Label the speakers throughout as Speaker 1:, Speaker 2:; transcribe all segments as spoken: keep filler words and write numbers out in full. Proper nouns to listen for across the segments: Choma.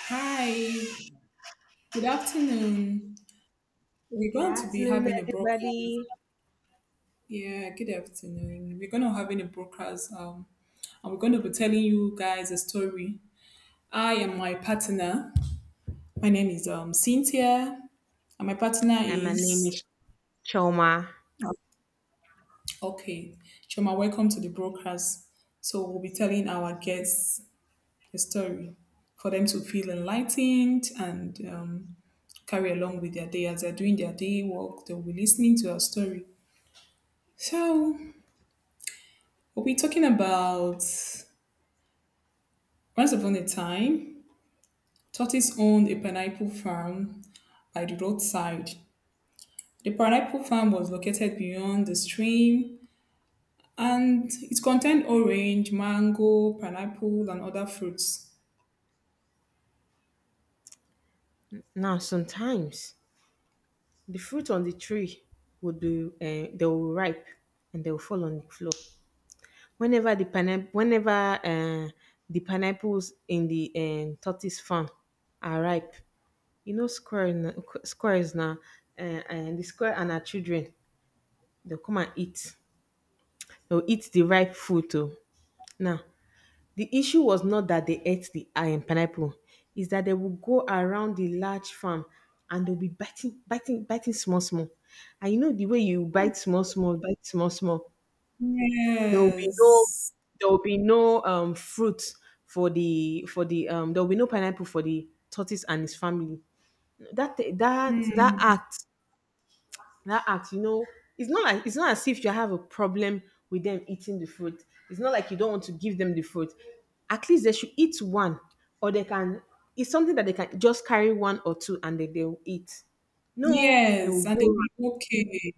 Speaker 1: Hi, good afternoon. We're
Speaker 2: Good
Speaker 1: going to be
Speaker 2: afternoon,
Speaker 1: having a brokers.
Speaker 2: everybody.
Speaker 1: Yeah, good afternoon. We're going to having a brokers. Um, and we're going to be telling you guys a story. I am my partner. My name is um Cynthia, and my partner
Speaker 2: And my name
Speaker 1: is
Speaker 2: is Choma.
Speaker 1: okay. Choma, welcome to the brokers. So we'll be telling our guests a story for them to feel enlightened and um, carry along with their day as they're doing their day work. They'll be listening to our story. So we'll be talking about once upon a time, tortoise owned a pineapple farm by the roadside. The pineapple farm was located beyond the stream, and it contained orange, mango, pineapple, and other fruits.
Speaker 2: Now, sometimes the fruit on the tree would be uh, they will ripe and they will fall on the floor. Whenever the pineapple, whenever uh, the pineapples in the um, tortoise farm are ripe, you know square n- squares now uh, and the square and her children they'll come and eat they'll eat the ripe fruit too now. The issue was not that they ate the um, pineapple, is that they would go around the large farm, and they'll be biting, biting, biting small, small. And you know the way you bite small, small, bite small, small. There will be no,
Speaker 1: Yes.
Speaker 2: there will be no um fruit for the for the um. There will be no pineapple for the tortoise and his family. That that
Speaker 1: Mm.
Speaker 2: that act, that act, you know, it's not like it's not as if you have a problem with them eating the fruit. It's not like you don't want to give them the fruit. At least they should eat one, or they can. It's something that they can just carry one or two and they they will eat. No, they will
Speaker 1: Yes, and
Speaker 2: go.
Speaker 1: they were okay.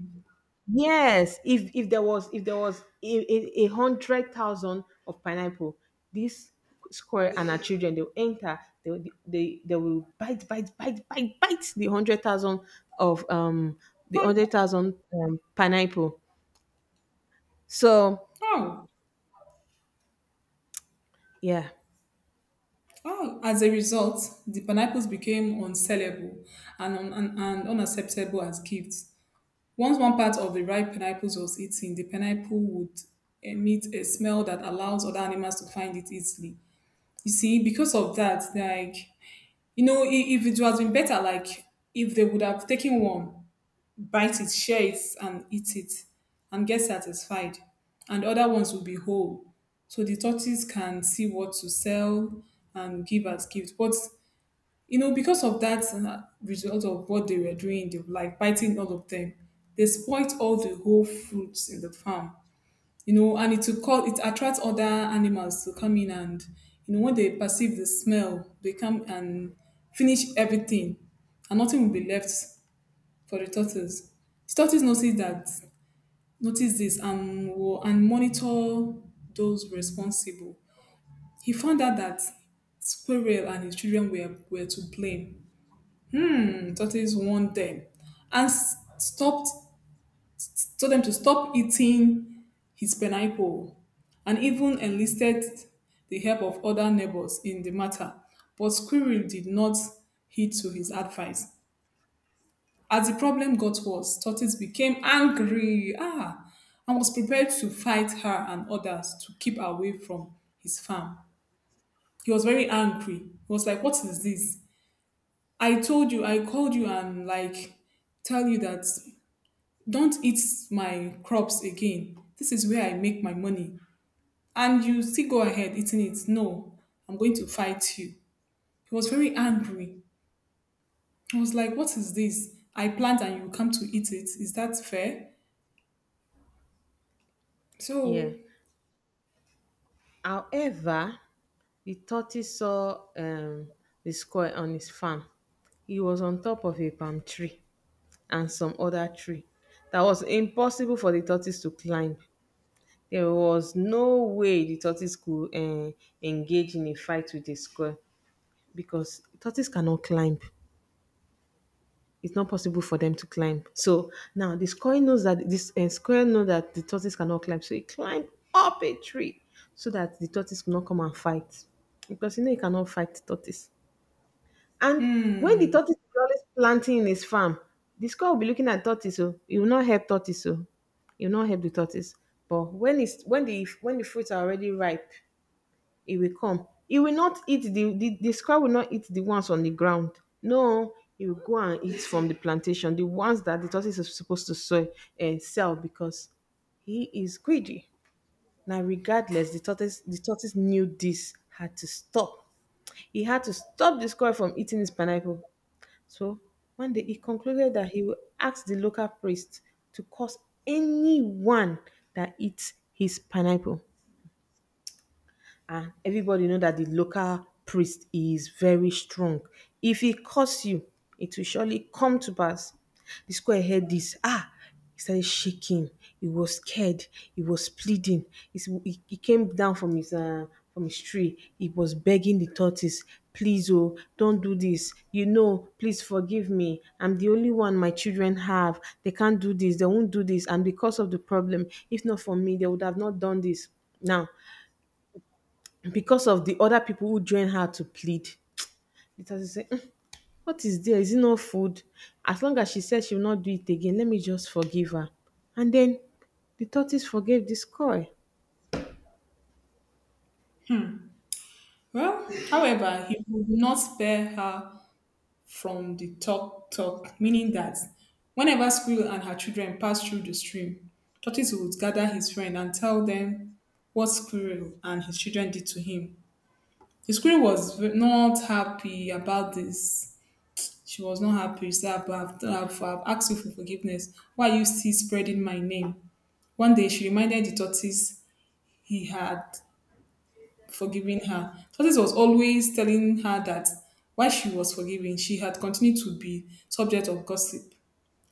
Speaker 2: Yes, if if there was if there was a, a, a hundred thousand of pineapple, this square and her children they'll enter. They will- they they will bite bite bite bite bite the hundred thousand of um the
Speaker 1: Oh.
Speaker 2: hundred thousand um, pineapple. So
Speaker 1: Oh!
Speaker 2: yeah,
Speaker 1: As a result, the pineapples became unsellable and, un- and, and unacceptable as gifts. Once one part of the ripe pineapples was eaten, the pineapple would emit a smell that allows other animals to find it easily. You see, because of that, like, you know, i- if it was been better, like, if they would have taken one, bite it, share it, and eat it, and get satisfied, and other ones would be whole. So the tortoise can see what to sell and give as gift. But you know, because of that uh, result of what they were doing, they were like biting all of them. They spoilt all the whole fruits in the farm, you know, and it will call it attracts other animals to come in, and you know, when they perceive the smell, they come and finish everything, and nothing will be left for the turtles. The turtles notice that, notice this and will and monitor those responsible. He found out that squirrel and his children were were to blame. Tortoise warned them and s- stopped told them to stop eating his pineapple, and even enlisted the help of other neighbors in the matter, but squirrel did not heed to his advice. As the problem got worse, tortoise became angry, ah, and was prepared to fight her and others to keep away from his farm. He was very angry. He was like, what is this? I told you, I called you and like tell you that don't eat my crops again. This is where I make my money. And you still go ahead eating it. No, I'm going to fight you. He was very angry. I was like, what is this? I plant and you come to eat it. Is that fair?
Speaker 2: yeah.
Speaker 1: So,
Speaker 2: However, the tortoise saw um the square on his farm. He was on top of a palm tree and some other tree that was impossible for the tortoise to climb. There was no way the tortoise could uh, engage in a fight with a squirrel because tortoise cannot climb. It's not possible for them to climb. So now the squirrel knows that this uh, squirrel know that the tortoise cannot climb, so he climbed up a tree so that the tortoise could not come and fight because you know he cannot fight the tortoise. And when the tortoise is always planting in his farm, the squirrel will be looking at tortoise. So he will not help tortoise. So he will not help the tortoise. But when it's when the when the fruits are already ripe, he will come. He will not eat the, the the squirrel will not eat the ones on the ground. No, he will go and eat from the plantation, the ones that the tortoise is supposed to sow, uh, sell because he is greedy. Now, regardless, the tortoise the tortoise knew this had to stop. He had to stop the squirrel from eating his pineapple. So one day he concluded that he will ask the local priest to curse anyone that eats his pineapple, and everybody know that the local priest is very strong. If he curse you, it will surely come to pass. The square heard this. Ah, he started shaking. He was scared. He was pleading. He's- He, he came down from his uh, from his tree. He was begging the tortoise, "Please, oh, don't do this. You know, please forgive me. I'm the only one my children have. They can't do this. They won't do this. And because of the problem, if not for me, they would have not done this." Now, because of the other people who join her to plead, later she said, "Mm, what is there? Is it not food? As long as she says she will not do it again, let me just forgive her." And then the tortoise forgave the squirrel.
Speaker 1: Well, however, he would not spare her from the talk talk, meaning that whenever Squirrel and her children passed through the stream, Tortoise would gather his friend and tell them what Squirrel and his children did to him. The screen was v- not happy about this. She was not happy. She said, I've, I've, I've asked you for forgiveness. Why are you still spreading my name? One day she reminded the tortoise he had forgiven her. Tortoise was always telling her that while she was forgiving, she had continued to be subject of gossip,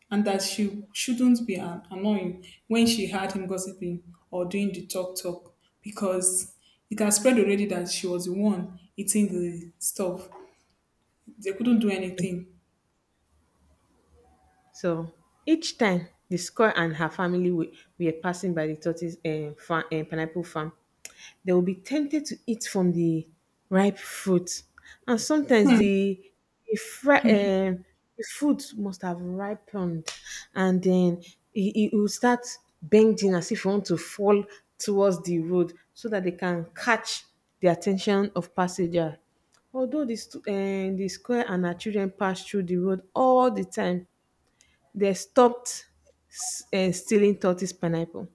Speaker 1: and that she shouldn't be an- annoying when she heard him gossiping or doing the talk talk, because it had spread already that she was the one eating the stuff. They couldn't do anything.
Speaker 2: So each time the squirrel and her family were, were passing by the tortoise um, farm, um, pineapple farm, they will be tempted to eat from the ripe fruit. And sometimes
Speaker 1: Hmm.
Speaker 2: the, the, fri- um, the fruit must have ripened, and then it, it will start bending as if it want to fall towards the road so that they can catch the attention of passenger. Although the, stu- eh, the square and her children pass through the road all the time, they stopped uh, stealing tortoise pineapple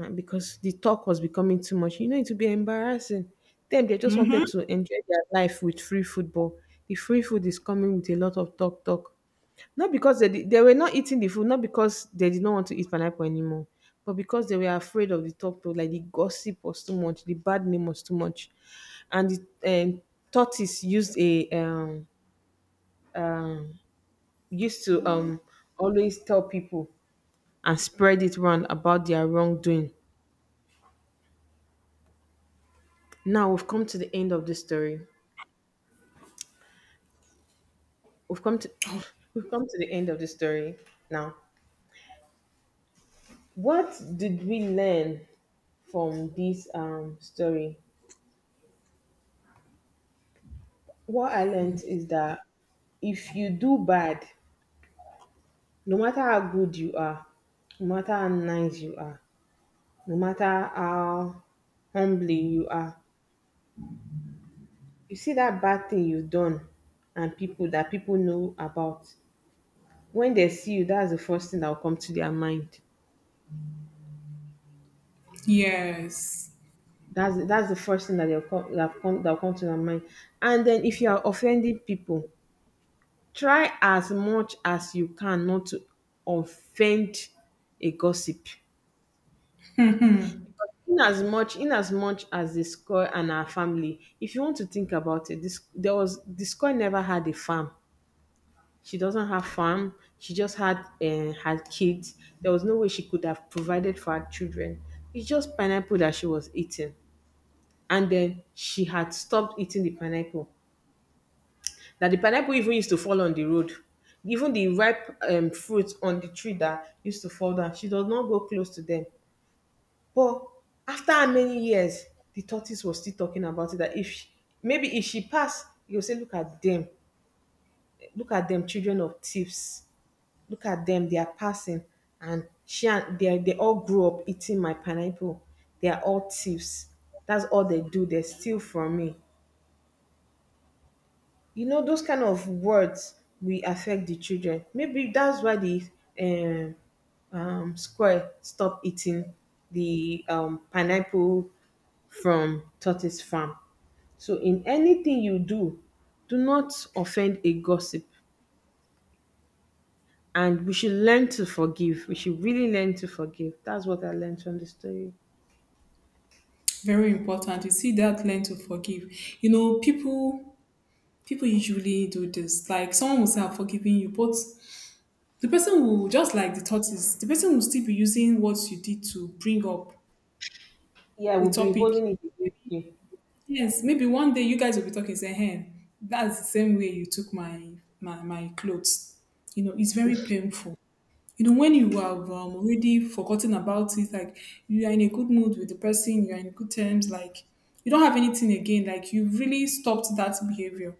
Speaker 2: uh, because the talk was becoming too much. You know, it would be embarrassing. Then they just wanted to enjoy their life with free football. The free food is coming with a lot of talk, talk. Not because they, did- they were not eating the food, not because they did not want to eat pineapple anymore, but because they were afraid of the talk, talk. Like the gossip was too much, the bad name was too much, and the um, tortoise used a um, um used to um always tell people and spread it round about their wrongdoing. Now we've come to the end of the story. We've come to we've come to the end of the story. Now, what did we learn from this um story? What I learned is that if you do bad, no matter how good you are, no matter how nice you are, no matter how humbly you are, you see that bad thing you've done and people that people know about, when they see you, that's the first thing that will come to their mind.
Speaker 1: Yes,
Speaker 2: That's that's the first thing that they'll come that will come that will come to their mind. And then if you are offending people, try as much as you can not to offend a gossip. In as much in as much as the score and her family, if you want to think about it, this there was the score never had a farm. She doesn't have farm. She just had uh, had kids. There was no way she could have provided for her children. It's just pineapple that she was eating, and then she had stopped eating the pineapple. That the pineapple even used to fall on the road. Even the ripe um, fruits on the tree that used to fall down, she does not go close to them. But after how many years, the tortoise was still talking about it. That if she, maybe if she passed, you will say, "Look at them, look at them, children of thieves, look at them, they are passing, and she and they are- they all grew up eating my pineapple. They are all thieves. That's all they do. They steal from me." You know those kind of words will affect the children. Maybe that's why the um, um, squirrel stopped eating the um, pineapple from tortoise farm. So in anything you do, do not offend a gossip, and we should learn to forgive. We should really learn to forgive. That's what I learned from the story.
Speaker 1: very important. You see that, learn to forgive. You know, people people usually do this. Like someone will say, "I'm forgiving you," but the person will just like the tortoise. The person will still be using what you did to bring up
Speaker 2: Yeah,
Speaker 1: a
Speaker 2: we'll be
Speaker 1: topic.
Speaker 2: holding it against you.
Speaker 1: Yes, maybe one day you guys will be talking. Say, "Hey, that's the same way you took my my my clothes." You know, it's very painful. You know, when you have um, already forgotten about it, like you are in a good mood with the person, you are in good terms, like you don't have anything again, like you have really stopped that behavior,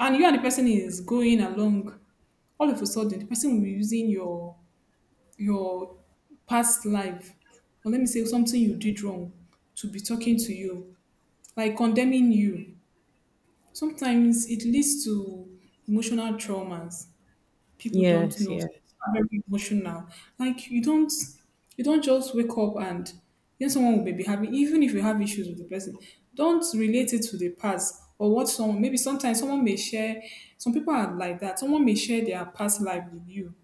Speaker 1: and you and the person is going along, all of a sudden the person will be using your your past life, or let me say something you did wrong, to be talking to you, like condemning you. Sometimes it leads to emotional traumas. People don't
Speaker 2: Yes,
Speaker 1: know.
Speaker 2: yes,
Speaker 1: Some are very emotional. Like you don't, you don't just wake up and then someone will maybe having, even if you have issues with the person, don't relate it to the past. Or what someone maybe, sometimes someone may share, some people are like that, someone may share their past life with you,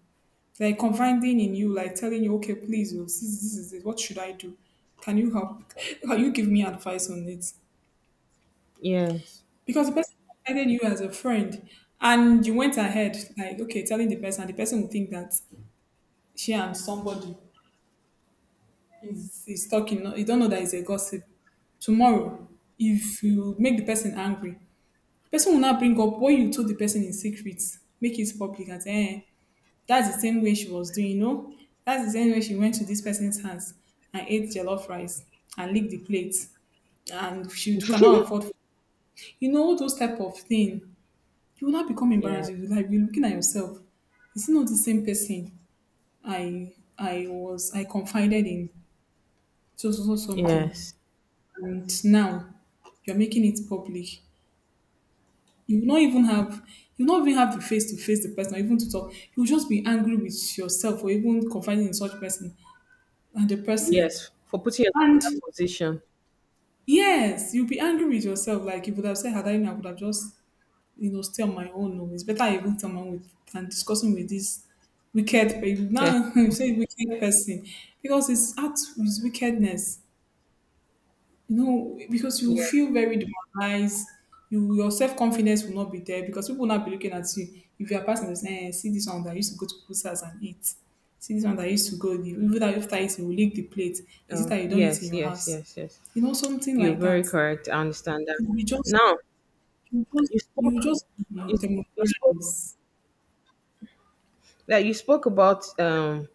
Speaker 1: like confiding in you, like telling you, okay, please, oh, this, this is it, what should I do? Can you help? Can you give me advice on it?
Speaker 2: yes.
Speaker 1: Because the person confided in you as a friend, and you went ahead like okay telling the person, and the person will think that she and somebody is is talking. no- You don't know that it's a gossip. Tomorrow, if you make the person angry, the person will not bring up what you told the person in secret, make it public and say, eh, that's the same way she was doing, you know? That's the same way she went to this person's house and ate jollof rice and licked the plate, and she cannot afford food. You know, those type of thing. You will not become
Speaker 2: Yeah,
Speaker 1: embarrassed. You will like you looking at yourself. Is not the same person I I was I confided in to do something,
Speaker 2: yes.
Speaker 1: and now you're making it public? You will not even have, you will not even have the face to face the person or even to talk. You'll just be angry with yourself, or even confiding in such person, and the person.
Speaker 2: Yes, for putting yourself in
Speaker 1: And
Speaker 2: that position.
Speaker 1: yes, you'll be angry with yourself, like you would have said, had I known, I would have just, you know, stay on my own. No, it's better I even someone with and discussing with this wicked. But you
Speaker 2: Yes,
Speaker 1: now say wicked person, because it's out with wickedness. You know, because you
Speaker 2: yes,
Speaker 1: feel very demoralized. You, your self confidence will not be there, because people will not be looking at you. If you are passing, this, eh, see this one that used to go to people's house and eat. See this one that used to go. the- Even that after eating, will lick the plate. Is it
Speaker 2: uh,
Speaker 1: that you don't eat in
Speaker 2: yes,
Speaker 1: your
Speaker 2: yes,
Speaker 1: house?
Speaker 2: yes, yes.
Speaker 1: You know, something
Speaker 2: You're
Speaker 1: like
Speaker 2: very
Speaker 1: that.
Speaker 2: correct. I understand that.
Speaker 1: You will just,
Speaker 2: Now,
Speaker 1: you will just,
Speaker 2: you
Speaker 1: you will
Speaker 2: spoke,
Speaker 1: just be
Speaker 2: you, you spoke
Speaker 1: demoralized.
Speaker 2: that you spoke about um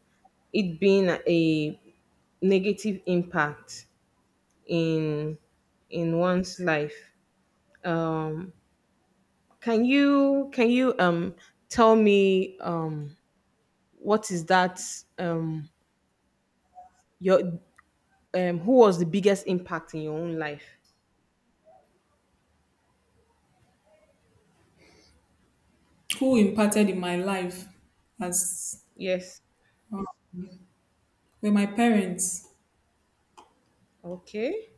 Speaker 2: it being a negative impact in in one's life. Um, can you can you um tell me um what is that um your um who was the biggest impact in your own life?
Speaker 1: Who imparted in my life as
Speaker 2: Yes.
Speaker 1: uh, were my parents.
Speaker 2: Okay.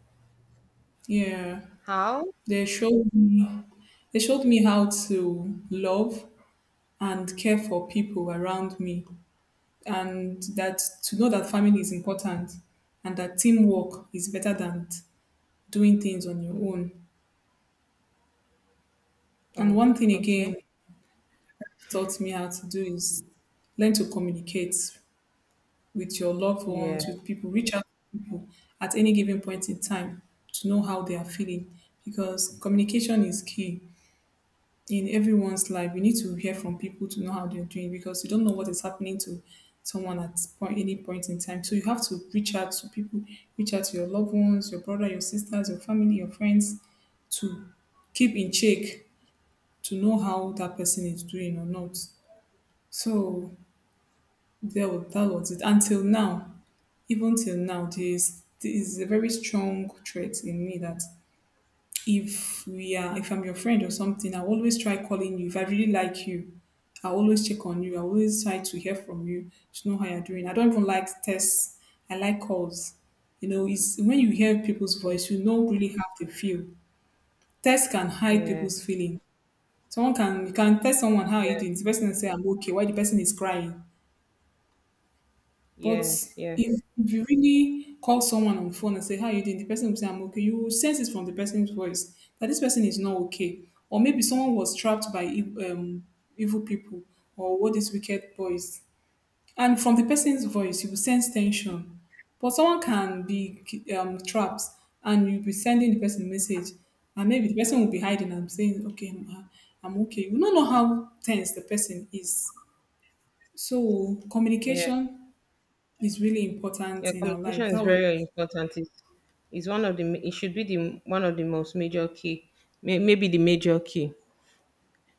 Speaker 1: Yeah,
Speaker 2: How?
Speaker 1: they showed me, they showed me how to love and care for people around me, and that to know that family is important, and that teamwork is better than t- doing things on your own. And
Speaker 2: Oh,
Speaker 1: one thing
Speaker 2: okay.
Speaker 1: again taught me how to do is learn to communicate with your loved
Speaker 2: Yeah.
Speaker 1: ones, with people. Reach out to people at any given point in time to know how they are feeling, because communication is key in everyone's life. We need to hear from people to know how they're doing, because you don't know what is happening to someone at point, any point in time. So you have to reach out to people, reach out to your loved ones, your brother, your sisters, your family, your friends, to keep in check, to know how that person is doing or not. So there, wa- that was it. Until now, even till now, there is, there is a very strong trait in me that if we are if I'm your friend or something, I'll always try calling you. If I really like you, I'll always check on you. I'll always try to hear from you to know how you're doing. I don't even like texts. I like calls. You know, it's when you hear people's
Speaker 2: Okay.
Speaker 1: voice, you know really how they feel. Text can hide
Speaker 2: Yeah.
Speaker 1: people's feeling. Someone can, you can tell someone, how are you
Speaker 2: Yeah.
Speaker 1: doing? The person will say, I'm okay. Why the person is crying? But
Speaker 2: Yes. Yes.
Speaker 1: if you really call someone on phone and say, how are you doing? The person will say, I'm okay. You will sense it from the person's voice that this person is not okay. Or maybe someone was trapped by ev- um, evil people, or what what is wicked boys. And from the person's voice, you will sense tension. But someone can be um, trapped, and you'll be sending the person message. And maybe the person will be hiding and saying, okay, I'm, uh, I'm okay. You don't know how tense the person is. So
Speaker 2: Yeah.
Speaker 1: communication is really
Speaker 2: Yeah.
Speaker 1: important in our life.
Speaker 2: Communication is
Speaker 1: That was
Speaker 2: very important. It's, it's one of the. ma- It should be the one of the most major key. May, maybe the major key.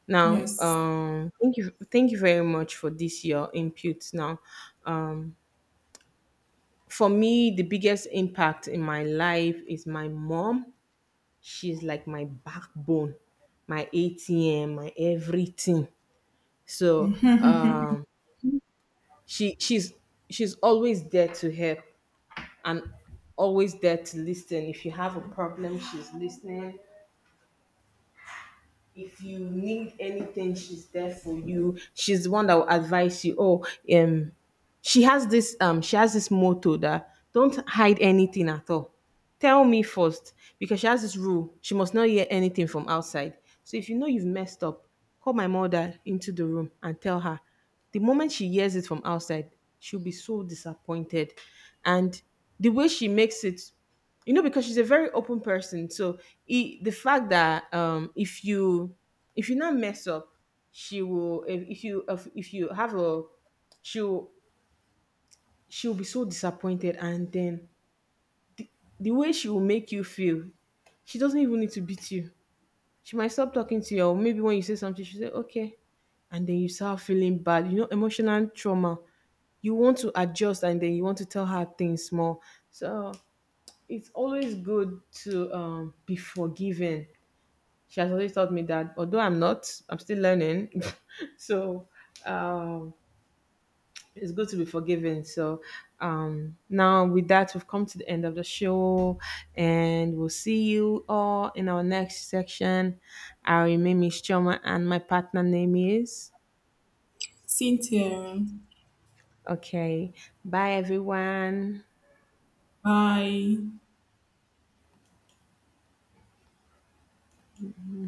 Speaker 2: Now,
Speaker 1: yes.
Speaker 2: um, thank you. Thank you very much for this your input. Now, um, for me, the biggest impact in my life is my mom. She's like my backbone, my A T M, my everything. So um, she she's she's always there to help and always there to listen. If you have a problem, she's listening. If you need anything, she's there for you. She's the one that will advise you. Oh, um, she has this um she has this motto that, "Don't hide anything at all, tell me first," because she has this rule: she must not hear anything from outside. So if you know you've messed up, call my mother into the room and tell her. The moment she hears it from outside, she'll be so disappointed. And the way she makes it, you know, because she's a very open person. So i- the fact that um, if you if you not mess up, she will. If, if you if, if you have a, she'll she'll be so disappointed. And then the way she will make you feel, she doesn't even need to beat you. She might stop talking to you, or maybe when you say something, she say, okay. And then you start feeling bad. You know, emotional trauma. You want to adjust and then you want to tell her things more. So it's always good to um, be forgiving. She has always taught me that, although I'm not, I'm still learning. So um, it's good to be forgiven. So um, now with that, we've come to the end of the show, and we'll see you all in our next section. I remain Miss Choma, and my partner name is.
Speaker 1: Cynthia,
Speaker 2: Okay, bye everyone.
Speaker 1: bye.